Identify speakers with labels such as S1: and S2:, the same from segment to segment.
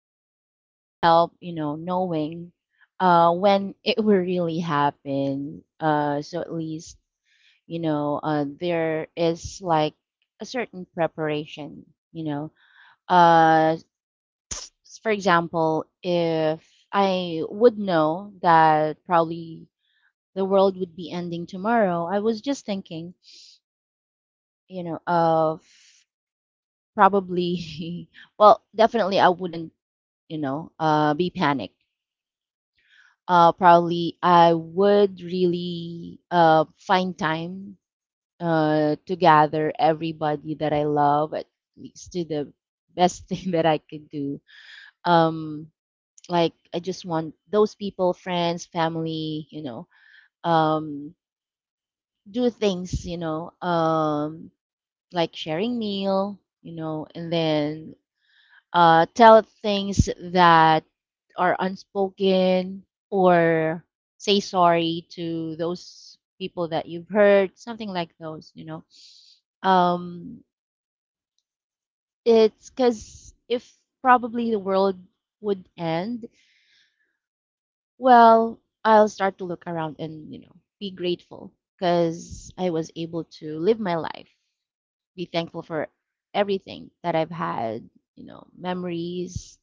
S1: probably it would help, you know, knowing, when it will really happen. So at least, you know, there is like a certain preparation. You know, uh, for example, if I would know that probably the world would be ending tomorrow, I was just thinking, you know, of probably, well, definitely I wouldn't, you know, be panicked. Probably I would really find time to gather everybody that I love, at least to the best thing that I could do. Um, like I just want those people, friends, family, you know, um, do things, you know, like sharing meal, you know, and then tell things that are unspoken, or say sorry to those people that you've hurt, something like those, you know. Um, it's because if probably the world would end, well, I'll start to look around and, you know, be grateful because I was able to live my life, be thankful for everything that I've had, you know, memories,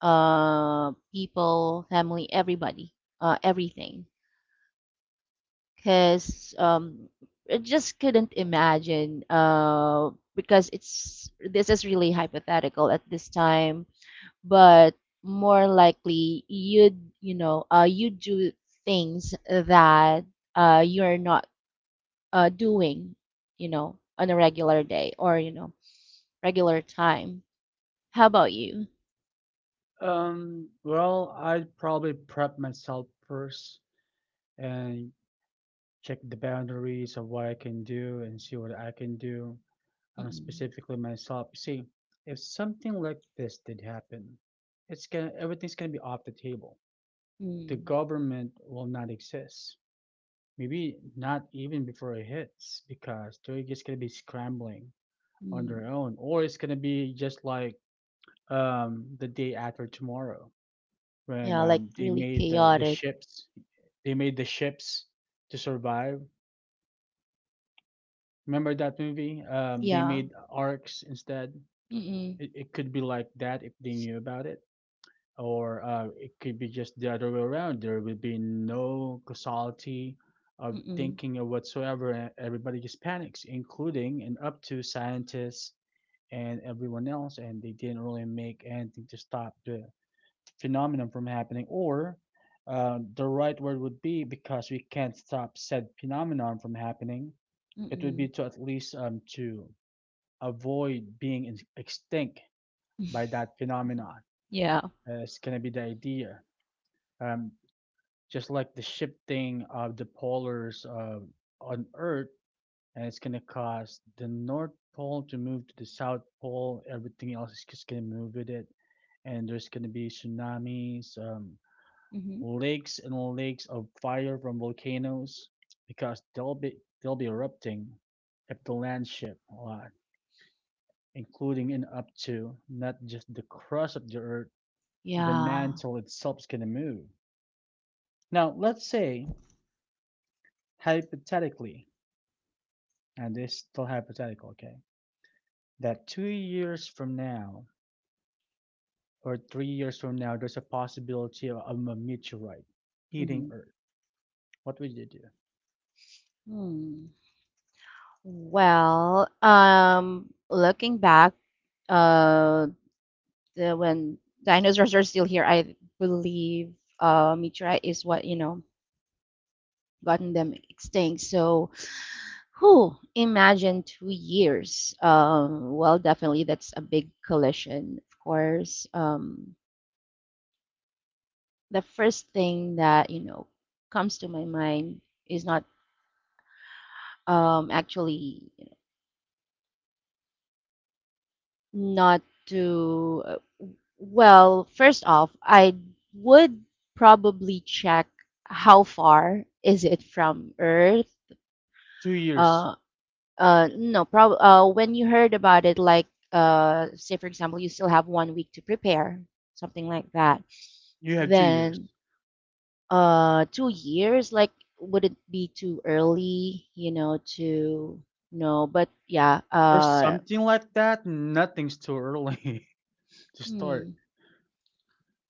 S1: people, family, everybody, everything. Because I just couldn't imagine, because it's this is really hypothetical at this time, but more likely you'd, you know, you do things that you're not doing, you know, on a regular day or, you know, regular time. How about you?
S2: Well, I'd probably prep myself first and check the boundaries of what I can do and see what I can do,
S1: Mm-mm.
S2: specifically myself. See, if something like this did happen, it's gonna everything's gonna be off the table. The
S1: Mm.
S2: government will not exist. Maybe not even before it hits, because they're just gonna be scrambling on
S1: Mm.
S2: their own, or it's gonna be just like the day after tomorrow when
S1: Yeah, like
S2: they
S1: really
S2: made the
S1: chaotic.
S2: ships. They made the ships to survive. Remember that movie? They
S1: Yeah.
S2: made arcs instead.
S1: Mm-mm.
S2: It could be like that if they knew about it, or it could be just the other way around. There will be no causality of
S1: Mm-mm.
S2: thinking or whatsoever, and everybody just panics, including and up to scientists and everyone else, and they didn't really make anything to stop the phenomenon from happening, or the right word would be because we can't stop said phenomenon from happening, it would
S1: Mm-mm.
S2: be to at least to avoid being extinct by that phenomenon.
S1: Yeah.
S2: It's going to be the idea. Um, just like the shifting of the polars on Earth, and it's going to cause the North Pole to move to the South Pole. Everything else is just going to move with it. And there's going to be tsunamis,
S1: Mm-hmm.
S2: lakes and lakes of fire from volcanoes because they'll be erupting if the land shift a lot, including and up to not just the crust of the earth, the
S1: Yeah.
S2: mantle itself can move. Now, let's say, hypothetically, and this is still hypothetical, okay, that 2 years from now or 3 years from now, there's a possibility of a meteorite hitting
S1: Mm-hmm.
S2: Earth. What would you do?
S1: Mm. Well, looking back, uh, when dinosaurs are still here, I believe meteorite is what, you know, gotten them extinct. So who imagine 2 years? Well, definitely that's a big collision, of course. The first thing that you know comes to my mind is not, actually, you know, not to. Well, first off, I would probably check how far is it from Earth.
S2: 2 years.
S1: Uh, no, prob when you heard about it, like, say for example, you still have 1 week to prepare, something like that.
S2: You have 2 years.
S1: Then, 2 years, like, would it be too early, you know, to, no, but yeah,
S2: Or something like that. Nothing's too early. To start.
S1: hmm.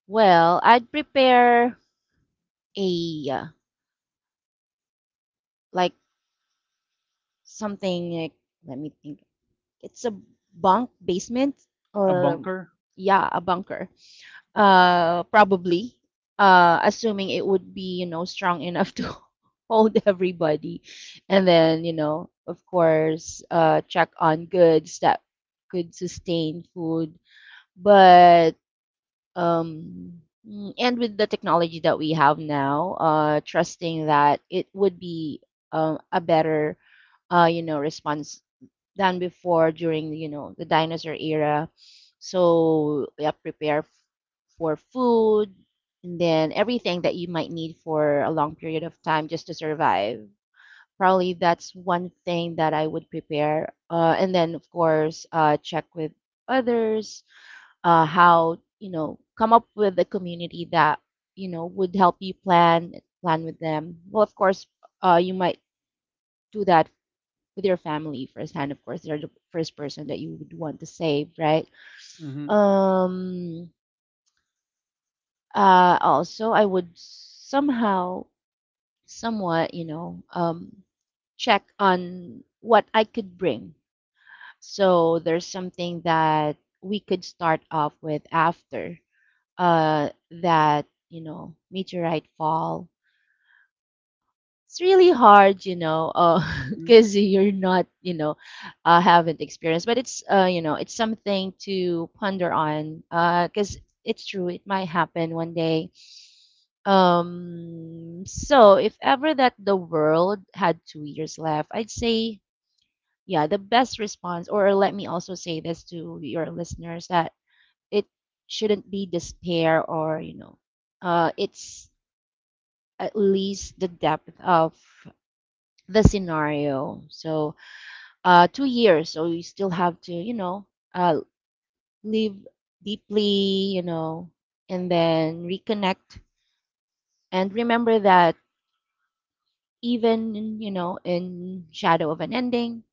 S1: Well, I'd prepare a like something like, let me think. It's a bunk basement
S2: A
S1: or,
S2: bunker?
S1: yeah, a bunker. Probably. Assuming it would be, you know, strong enough to hold everybody. And then, you know, of course, check on goods that could sustain food. But, um, and with the technology that we have now, trusting that it would be a better, you know, response than before during you know the dinosaur era. So yeah, prepare for food and then everything that you might need for a long period of time just to survive. Probably that's one thing that I would prepare. And then of course check with others, how you know, come up with a community that you know would help you plan with them. Well, of course you might do that with your family firsthand. Of course, they're the first person that you would want to save, right?
S2: Mm-hmm.
S1: Um, Also, I would somehow, somewhat, you know, check on what I could bring. So there's something that we could start off with after uh, that, you know, meteorite fall. It's really hard, you know,
S2: Hmm.
S1: because you're not, you know, haven't experienced. But it's, you know, it's something to ponder on. Because it's true, it might happen one day. So if ever that the world had 2 years left, I'd say, yeah, the best response, or let me also say this to your listeners that it shouldn't be despair or, you know, it's at least the depth of the scenario. So, 2 years, so you still have to, you know, uh, live deeply, you know, and then reconnect. And remember that even, you know, in shadow of an ending,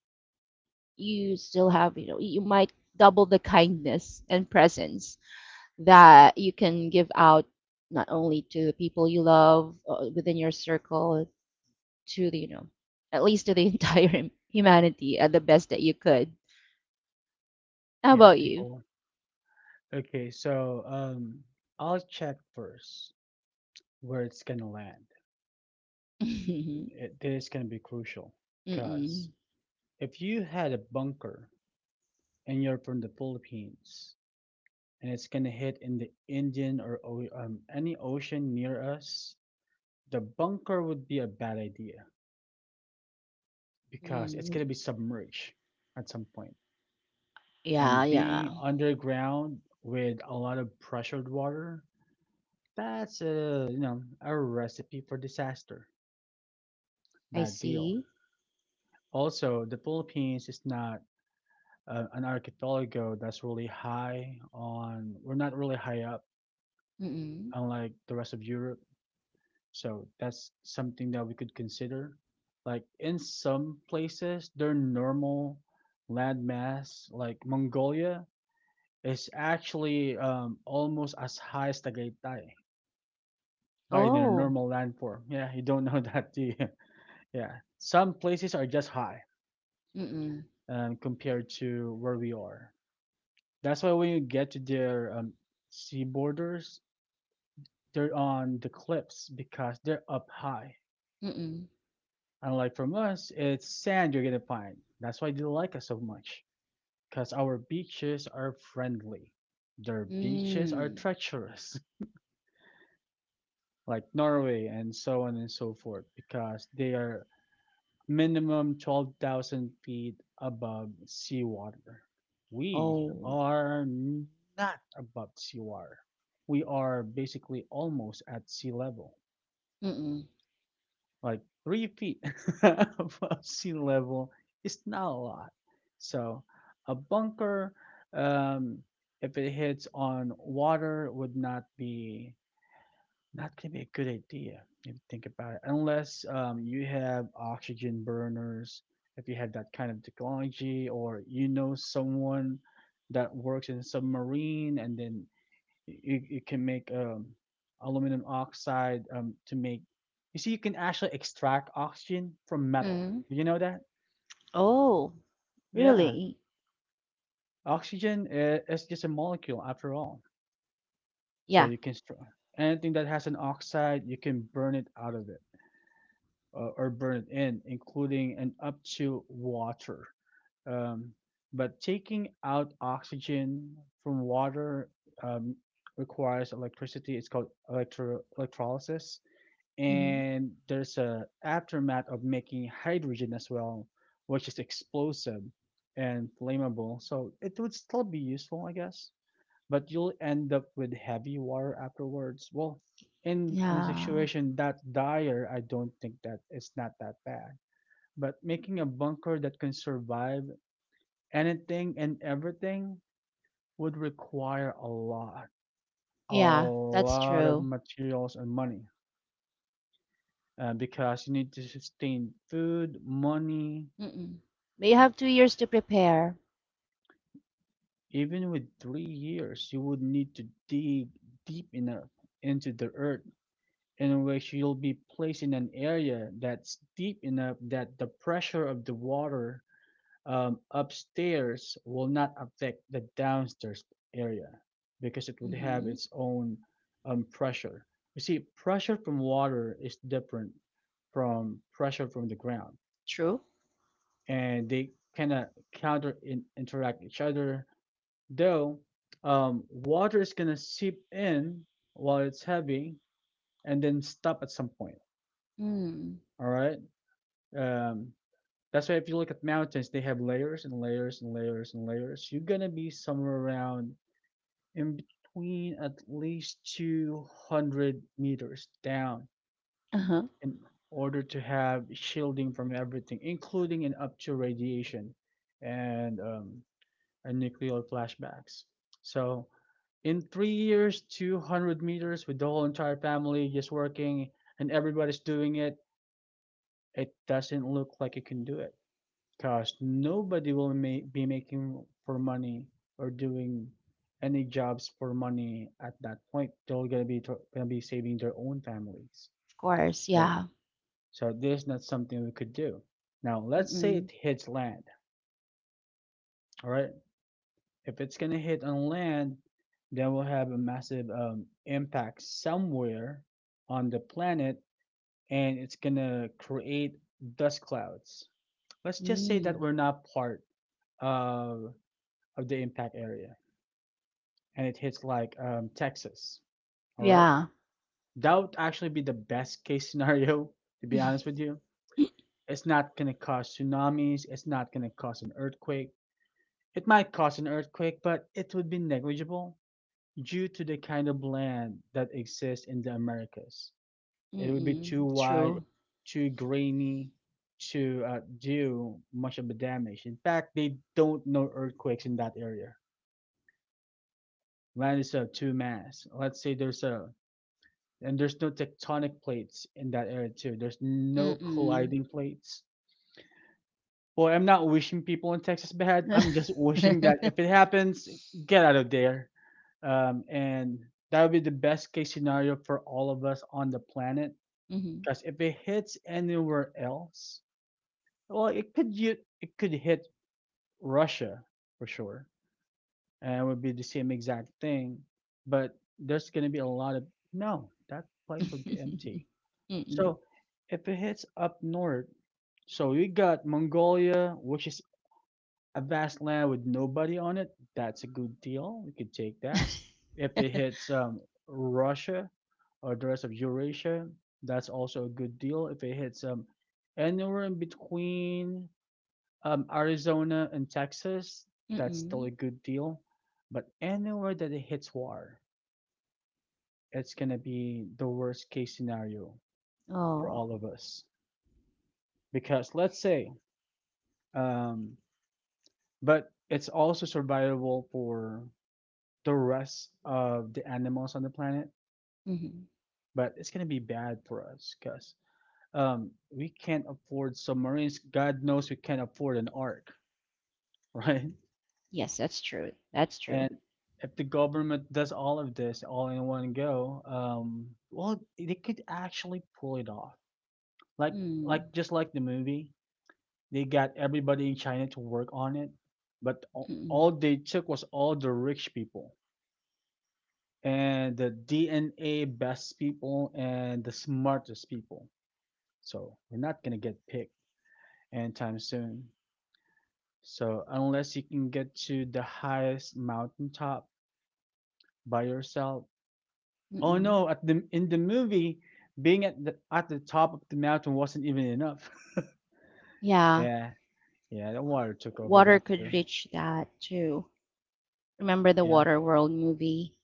S1: you still have, you know, you might double the kindness and presence that you can give out not only to the people you love within your circle, to the, you know, at least to the entire humanity at the best that you could. How
S2: Yeah,
S1: about you?
S2: people. Okay, so I'll check first where it's gonna land.
S1: Mhm.
S2: This is gonna be crucial, cause
S1: Mm.
S2: if you had a bunker and you're from the Philippines and it's gonna hit in the Indian or any ocean near us, the bunker would be a bad idea because it's
S1: Mm.
S2: going to be submerged at some point.
S1: Yeah,
S2: And being
S1: yeah.
S2: underground with a lot of pressured water, that's a, you know, a recipe for disaster.
S1: I
S2: Bad deal.
S1: see.
S2: Also, the Philippines is not an archipelago that's really high on, we're not really high up,
S1: Mm.
S2: unlike the rest of Europe. So that's something that we could consider. Like in some places, their normal landmass, like Mongolia, is actually almost as high as Tagaytay by their
S1: Oh.
S2: normal landform. Yeah, you don't know that, do you? Yeah, some places are just high
S1: Mm.
S2: compared to where we are. That's why when you get to their sea borders, they're on the cliffs because they're up high.
S1: Mm.
S2: Unlike from us, it's sand you're gonna find. That's why they like us so much. Cause our beaches are friendly. Their beaches are
S1: Mm.
S2: treacherous, like Norway and so on and so forth, because they are minimum 12,000 feet above seawater. We
S1: Oh.
S2: are not above seawater. We are basically almost at sea level.
S1: Mm.
S2: Like 3 feet above sea level is not a lot. So a bunker, um, if it hits on water, would not be not gonna be a good idea if you think about it, unless you have oxygen burners. If you have that kind of technology, or you know someone that works in a submarine, and then can make aluminum oxide to make, you see, you can actually extract oxygen from metal.
S1: Mm.
S2: Do you know that?
S1: Oh,
S2: Yeah.
S1: really?
S2: Oxygen is just a molecule after all, so
S1: Yeah.
S2: you can, anything that has an oxide you can burn it out of it, or burn it in, including and up to water. um, but taking out oxygen from water um, requires electricity. It's called electrolysis,
S1: Mhm.
S2: and there's a aftermath of making hydrogen as well, which is explosive and flammable. So it would still be useful, I guess, but you'll end up with heavy water afterwards. Well, in a
S1: Yeah.
S2: situation that dire, I don't think that it's not that bad. But making a bunker that can survive anything and everything would require a
S1: Yeah, that's
S2: lot of
S1: true.
S2: materials and money. Because you need to sustain food, money.
S1: Mm. But you have 2 years to prepare.
S2: Even with 3 years, you would need to dig deep enough into the earth, in which you'll be placed in an area that's deep enough that the pressure of the water upstairs will not affect the downstairs area, because it would have
S1: Mhm.
S2: its own pressure. You see, pressure from water is different from pressure from the ground,
S1: True.
S2: and they kind of interact each other. Though water is gonna seep in while it's heavy and then stop at some point.
S1: Mm.
S2: All right. Um, that's why if you look at mountains, they have layers and layers and layers and layers. You're gonna be somewhere around in between at least 200 meters down
S1: Uh-huh.
S2: in order to have shielding from everything, including and up to radiation. And um, and nuclear flashbacks. So in 3 years, 200 meters with the whole entire family just working and everybody's doing it, it doesn't look like it can do it because nobody will be making for money or doing any jobs for money at that point. They're gonna be gonna be saving their own families.
S1: Of course,
S2: So,
S1: yeah.
S2: so this is not something we could do. Now let's say it
S1: Mm.
S2: hits land. All right. If it's gonna hit on land, that will have a massive impact somewhere on the planet, and it's gonna create dust clouds. Let's just say that
S1: Mm.
S2: we're not part of the impact area, and it hits like Texas. All right,
S1: Yeah.
S2: that would actually be the best case scenario. To be honest with you, it's not gonna cause tsunamis. It's not gonna cause an earthquake. It might cause an earthquake, but it would be negligible. Due to the kind of land that exists in the Americas, it would be too
S1: Mm.
S2: wide,
S1: True.
S2: too grainy to do much of the damage. In fact, they don't know earthquakes in that area. Land is of two mass. Let's say there's a And there's no tectonic plates in that area too. There's no
S1: Mm.
S2: colliding plates. Boy, I'm not wishing people in Texas bad. I'm just wishing that if it happens, get out of there. And that would be the best case scenario for all of us on the planet.
S1: Mhm.
S2: Because if it hits anywhere else, well, it could hit Russia for sure, and it would be the same exact thing. But there's going to be a lot of, no, that place would be empty.
S1: Mm.
S2: So if it hits up north, so we got Mongolia, which is a vast land with nobody on it, that's a good deal. We could take that. If it hits Russia or the rest of Eurasia, that's also a good deal. If it hits anywhere in between Arizona and Texas, that's still
S1: Mm.
S2: a good deal. But anywhere that it hits war, it's going to be the worst case scenario for all
S1: Oh.
S2: of us. Because um, but it's also survivable for the rest of the animals on the planet,
S1: Mhm.
S2: but it's gonna be bad for us because we can't afford submarines. God knows we can't afford an ark, right?
S1: Yes, that's true. That's true.
S2: And if the government does all of this all in one go, well, they could actually pull it off. Like, like
S1: Mm.
S2: just like the movie, they got everybody in China to work on it, but
S1: Mm.
S2: all they took was all the rich people and the DNA best people and the smartest people. So we're not gonna get picked anytime soon. So unless you can get to the highest mountaintop by yourself. Oh
S1: Mm.
S2: no, at the in the movie, being at the top of the mountain wasn't even enough.
S1: Yeah.
S2: Yeah, yeah, the water took over
S1: Water
S2: that too.
S1: could reach that too. Remember the
S2: Yeah,
S1: Waterworld movie?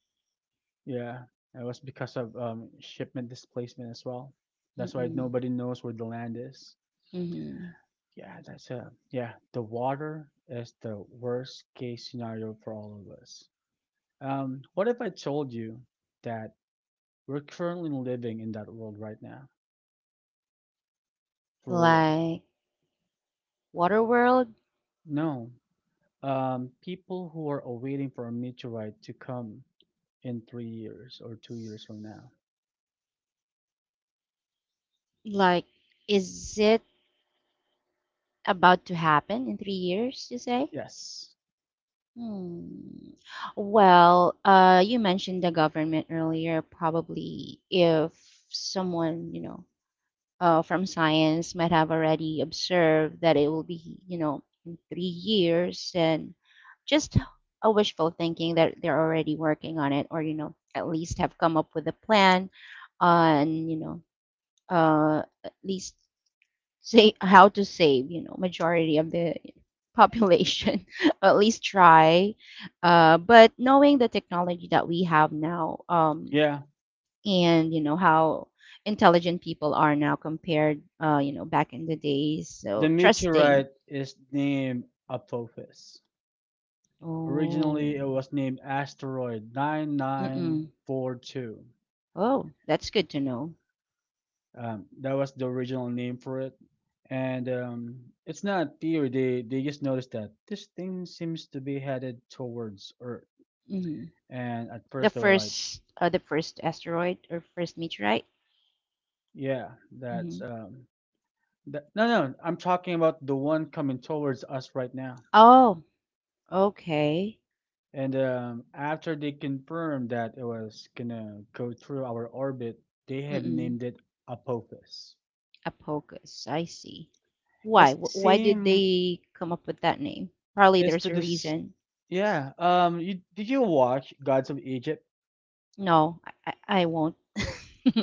S2: yeah. It was because of shipment displacement as well. That's why
S1: Mm.
S2: nobody knows where the land is.
S1: Mhm.
S2: Yeah, that's a yeah. The water is the worst case scenario for all of us. What if I told you that we're currently living in that world right now? For real.
S1: Like Waterworld?
S2: No. People who are awaiting for a meteorite to come in 3 years or 2 years from now.
S1: Like, is it about to happen in 3 years, you say?
S2: Yes.
S1: Hmm. Well, you mentioned the government earlier. Probably if someone, you know, from science might have already observed that it will be, you know, in 3 years, and just a wishful thinking that they're already working on it, or, you know, at least have come up with a plan on, you know, at least say how to save, you know, majority of the population or at least try, but knowing the technology that we have now,
S2: Yeah.
S1: and you know how intelligent people are now compared, you know, back in the days,
S2: The
S1: so trusting.
S2: meteorite is named Apophis.
S1: Oh.
S2: Originally, it was named Asteroid
S1: Mm-mm.
S2: 9942.
S1: Oh, that's good to know.
S2: That was the original name for it, and it's not theory. They just noticed that this thing seems to be headed towards Earth,
S1: Hmm.
S2: and at
S1: The
S2: first they were like,
S1: first, the first asteroid or first meteorite?
S2: "Yeah, that's
S1: Hmm.
S2: um, that." No, no, I'm talking about the one coming towards us right now.
S1: Oh, okay.
S2: And after they confirmed that it was gonna go through our orbit, they have
S1: Mm-mm.
S2: named it Apophis.
S1: Apocus. I see.
S2: It's
S1: Why?
S2: the
S1: Why did
S2: same.
S1: they come up with that name? Probably
S2: It's
S1: there's
S2: the
S1: a
S2: this.
S1: reason.
S2: Yeah. Did you watch Gods of Egypt?
S1: No, I won't.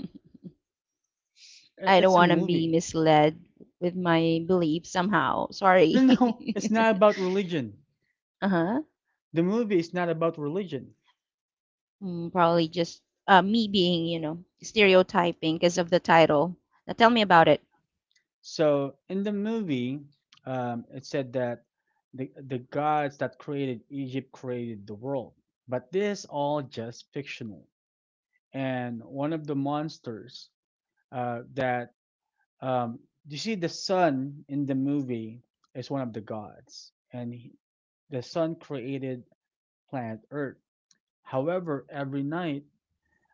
S1: I don't
S2: It's a
S1: want to be
S2: movie.
S1: misled with my belief somehow.
S2: No,
S1: Sorry.
S2: no, it's not about religion.
S1: Uh-huh.
S2: The movie is not about religion.
S1: Probably just me being, you know, stereotyping because of the title. Now tell me about it.
S2: So in the movie, it said that the gods that created Egypt created the world, but this is all just fictional. And one of the monsters that um, you see the sun in the movie is one of the gods, and the sun created planet Earth. However, every night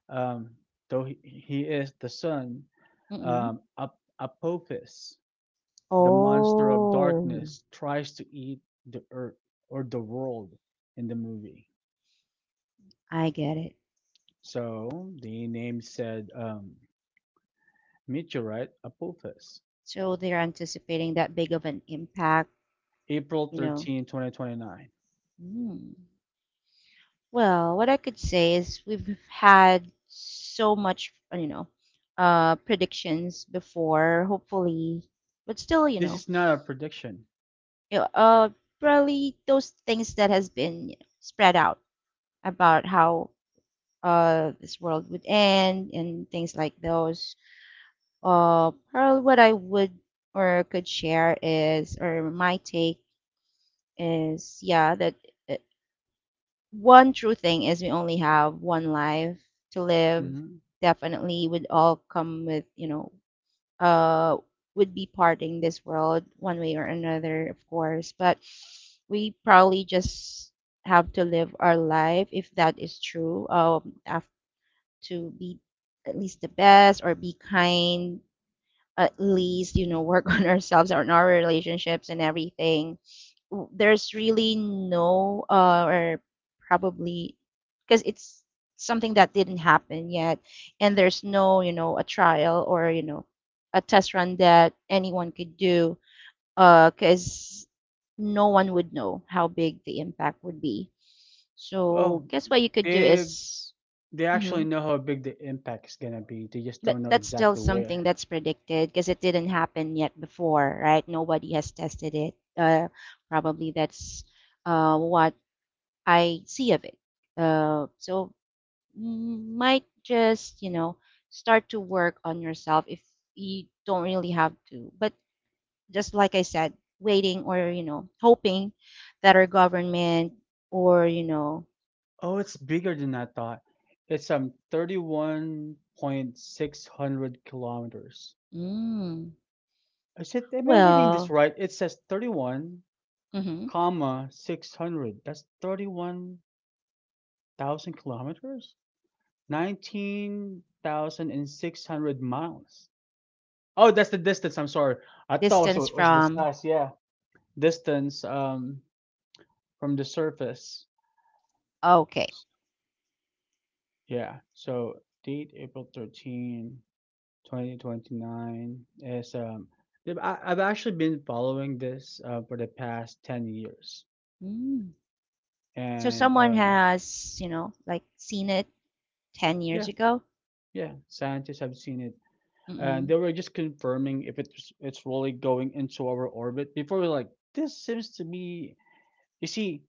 S2: um, though he is the son,
S1: Mm-mm.
S2: Apophis, the monster of
S1: Oh,
S2: darkness, tries to eat the earth or the world in the movie.
S1: I get it.
S2: So the name said meteorite Apophis,
S1: So they're anticipating that big of an impact, you know.
S2: April 13, 2029.
S1: Mm. Well, what I could say is we've had so much, you know, predictions before, hopefully, but still,
S2: This is not a prediction.
S1: you know, probably those things that has been you know, spread out about how this world would end and things like those. Probably what I would or could share is, or my take is, yeah, that uh, one true thing is we only have one life to live.
S2: Hmm.
S1: Definitely would all come with, you know, uh, would be parting this world one way or another, of course. But we probably just have to live our life if that is true. Have to be at least the best or be kind. At least you know work on ourselves or on our relationships and everything. There's really no or probably because it's something that didn't happen yet, and there's no you know a trial or you know a test run that anyone could do, because no one would know how big the impact would be.
S2: Oh,
S1: So guess what you could do
S2: they
S1: is,
S2: they actually
S1: hmm,
S2: know how big the impact is gonna be. They just
S1: but
S2: don't know
S1: that's still
S2: exactly
S1: something
S2: where.
S1: that's predicted because it didn't happen yet before, right? Nobody has tested it. Probably that's what I see of it. So mm, might just you know start to work on yourself if you don't really have to. But just like I said, waiting or you know hoping that our government or you know.
S2: Oh, it's bigger than I thought. It's thirty-one point six hundred kilometers.
S1: Mm,
S2: I said, am I reading this
S1: well.
S2: right? It says 31,
S1: Hmm.
S2: comma 600. That's 31,000 kilometers? 19,600 miles. Oh, that's the distance. I'm sorry. I thought it
S1: Distance
S2: was, was the
S1: from.
S2: size. Yeah. Distance from the surface.
S1: Okay.
S2: Yeah. So date April 13. 2029 is yeah, I've actually been following this for the past 10 years
S1: Mm. So
S2: and
S1: someone
S2: um
S1: has you know like seen it 10 years
S2: yeah,
S1: ago.
S2: yeah, scientists have seen it, and
S1: Mm-mm.
S2: they were just confirming if it's really going into our orbit, before we're like this seems to be. You see,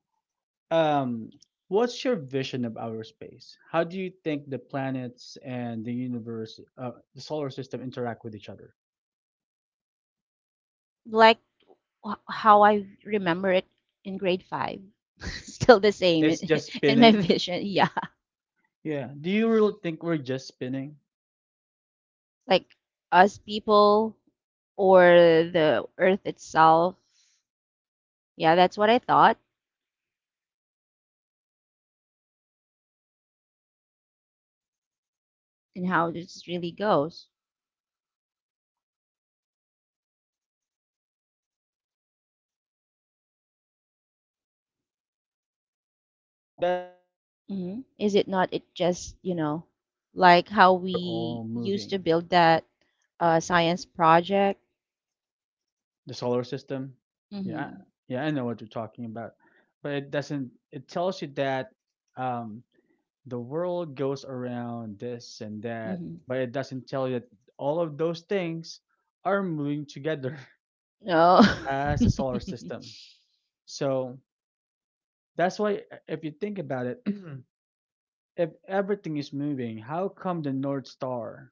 S2: um what's your vision of our space? How do you think the planets and the universe, the solar system, interact with each other?
S1: Like how I remember it in grade five. Still the same in,
S2: It's just
S1: in my
S2: spinning.
S1: vision. Yeah.
S2: Yeah, do you really think we're just spinning and nothing
S1: Like
S2: else?
S1: us people or
S2: You
S1: the earth
S2: see,
S1: itself.
S2: yeah, that's the
S1: Yeah,
S2: basis
S1: that's what I
S2: or the
S1: thought,
S2: basic of it. However, in reality, our whole solar system is
S1: and
S2: traveling
S1: how this
S2: forward
S1: really goes.
S2: in outer space while it's spinning. So we're like a meteorite of our own. It's just that we have our own cycle, and
S1: Hmm. Is
S2: everything
S1: it not? It
S2: else in the
S1: just, you
S2: universe is
S1: know,
S2: expanding.
S1: like
S2: So
S1: how
S2: we're all
S1: we used
S2: moving
S1: to build that science project.
S2: the solar system. Yeah,
S1: Mm-hmm.
S2: yeah, I know what you're talking about, but it doesn't. It tells you that um, the world goes around this and that,
S1: Mm-hmm.
S2: but it doesn't tell you that all of those things are moving together
S1: No.
S2: as a solar system. So that's why, if you think about it, if everything is moving, how come the North Star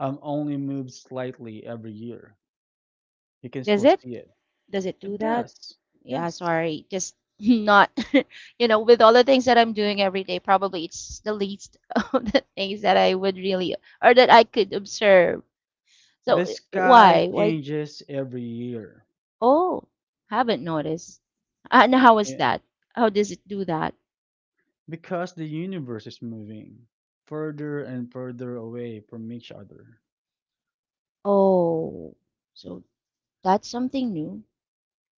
S2: only moves slightly every year? You can
S1: Does
S2: still
S1: it?
S2: see it.
S1: Does it do
S2: It
S1: that?
S2: does.
S1: Yeah,
S2: Yes.
S1: sorry. Just not, you know, with all the things that I'm doing every day, probably it's the least of the things that I would really, or that I could observe. So
S2: The sky
S1: why? Why?
S2: changes every year.
S1: Oh, haven't noticed. And how is
S2: Yeah.
S1: that? How does it do that?
S2: Because the universe is moving further and further away from each other.
S1: Oh, so that's something new.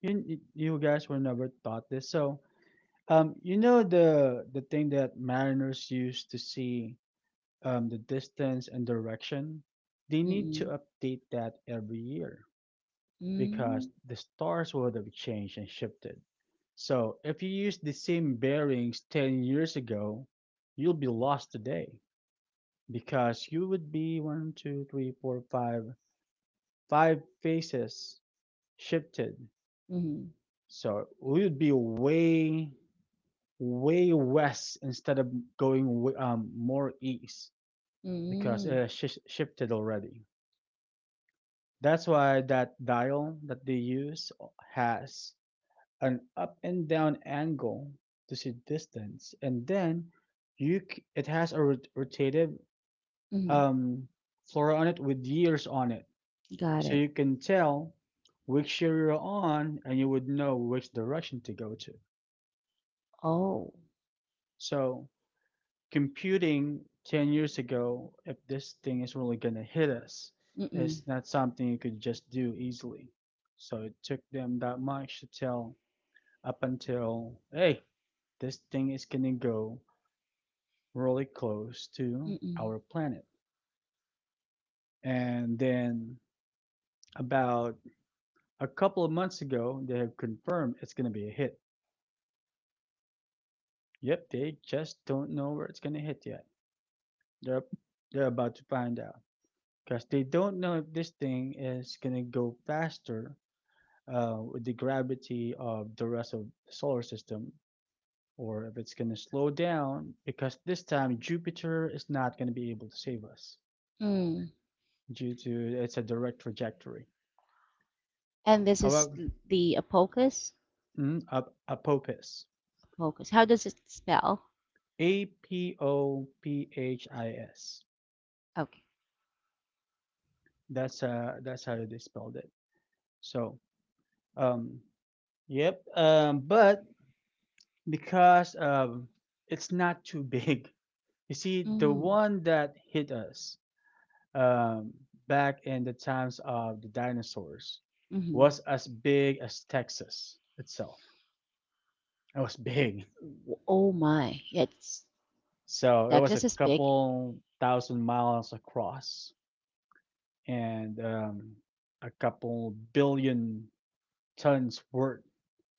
S2: You guys were never taught this. So, you know the thing that mariners use to see, the distance and direction? They need
S1: Mm-mm.
S2: to update that every year
S1: Mm.
S2: because the stars would have changed and shifted. So if you use the same bearings 10 years ago, you'll be lost today, because you would be one, two, three, four, five, five faces shifted.
S1: Mm-hmm.
S2: So we would be way, way west instead of going more east because it
S1: Mm-hmm.
S2: has shifted already. That's why that dial that they use has an up and down angle to see distance, and then it has a rotative
S1: Mm-hmm.
S2: um, flora on it with years on it.
S1: Got
S2: So
S1: it.
S2: you can tell which year you're on and you would know which direction to go to.
S1: Oh.
S2: So computing 10 years ago, if this thing is really going to hit us,
S1: Mm-mm.
S2: it's not something you could just do easily. So it took them that much to tell, up until, hey, this thing is going to go really close to
S1: Mm-mm.
S2: our planet. And then about a couple of months ago, they have confirmed it's going to be a hit. Yep, they just don't know where it's gonna hit yet. They're they're about to find out because they don't know if this thing is gonna go faster, with the gravity of the rest of the solar system, or if it's gonna slow down because this time Jupiter is not gonna be able to save us
S1: Mm.
S2: due to it's a direct trajectory.
S1: And this is
S2: However,
S1: the Apocus?
S2: Apophis,
S1: Apocus. How does it spell?
S2: A P O P H I S.
S1: Okay.
S2: That's how they spelled it. So um Yep. But because it's not too big. You see, the
S1: Mm.
S2: one that hit us, um, back in the times of the dinosaurs,
S1: Mm-hmm.
S2: was as big as Texas itself. It was big.
S1: W- Oh my. Yeah, it's,
S2: So it was a
S1: Texas is big.
S2: couple thousand miles across and a couple billion tons worth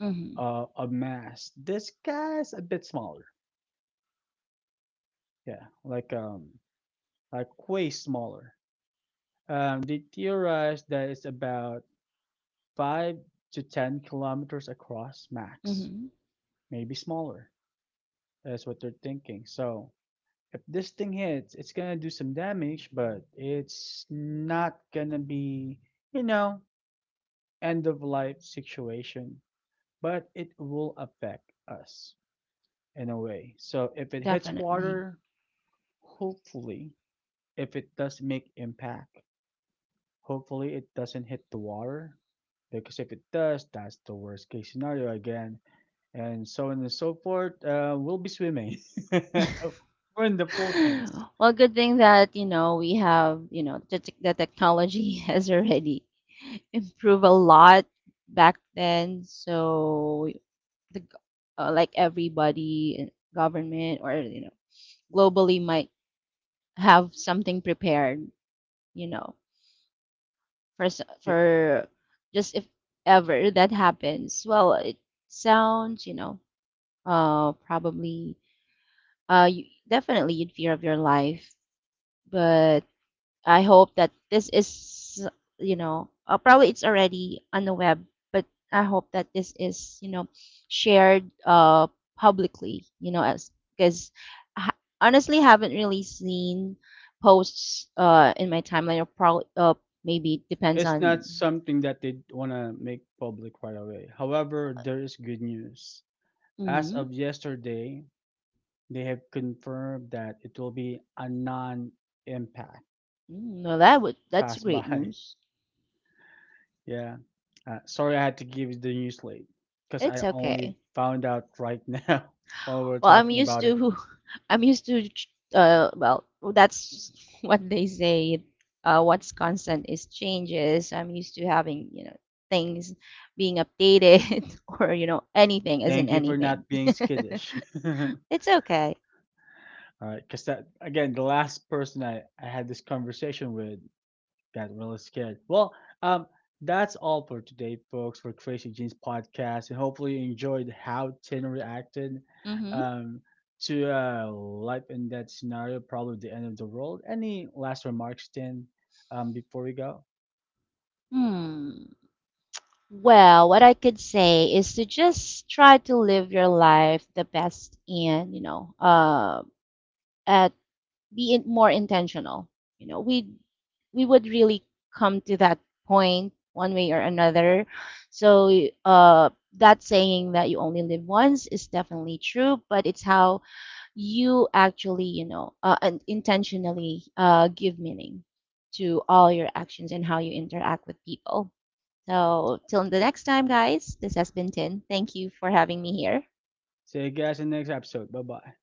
S1: Mm-hmm.
S2: of mass. This guy's a bit smaller. Yeah, like way smaller. They theorize that it's about 5 to 10 kilometers across max,
S1: Mm-hmm.
S2: maybe smaller. That's what they're thinking. So if this thing hits, it's gonna do some damage, but it's not gonna be, you know, end of life situation. But it will affect us in a way. So if it hits
S1: Definitely.
S2: water, hopefully, if it does make impact, hopefully, it doesn't hit the water, because if it does, that's the worst case scenario again, and so on and so forth. We'll be swimming. We're in the Philippines.
S1: Well, good thing that, you know, we have, you know, the, the technology has already improved a lot back then. So the g- like everybody, in government or, you know, globally might have something prepared, you know, for
S2: I-
S1: for just if ever that happens. Well, it sounds you know probably you, definitely you'd fear of your life, but I hope that this is you know, probably it's already on the web, but I hope that this is you know shared publicly you know, as because I honestly haven't really seen posts in my timeline, or probably maybe it depends
S2: It's
S1: on.
S2: not something that they want to make public right away. However, there is good news. As
S1: Mhm.
S2: of yesterday, they have confirmed that it will be a non impact
S1: Mm, well, that would, that's
S2: pass
S1: great
S2: by.
S1: news.
S2: Yeah. Sorry, I had to give you the news late because I
S1: It's
S2: only
S1: okay.
S2: found out right now while we were
S1: Well, I'm
S2: talking
S1: used
S2: about it.
S1: to I'm used to well, that's what they say. What's constant is changes. I'm used to having, you know, things being updated or, you know, anything as in
S2: Thank you for
S1: anything.
S2: not being skittish. All
S1: It's okay.
S2: right, because that again, the last person I had this conversation with got really scared. Well, um, that's all for today, folks, for Crazy Jeans podcast, and hopefully you enjoyed how Tin reacted,
S1: Mm-hmm.
S2: um, to life in that scenario, probably the end of the world. Any last remarks, Tin, before we go?
S1: Hmm. Well, what I could say is to just try to live your life the best and, you know, at be in, more intentional. You know, we would really come to that point one way or another. So that saying that you only live once is definitely true, but it's how you actually, you know, and intentionally give meaning to all your actions and how you interact with people. So till the next time, guys. This has been Tin. Thank you for having me here.
S2: See you guys in the next episode. Bye bye.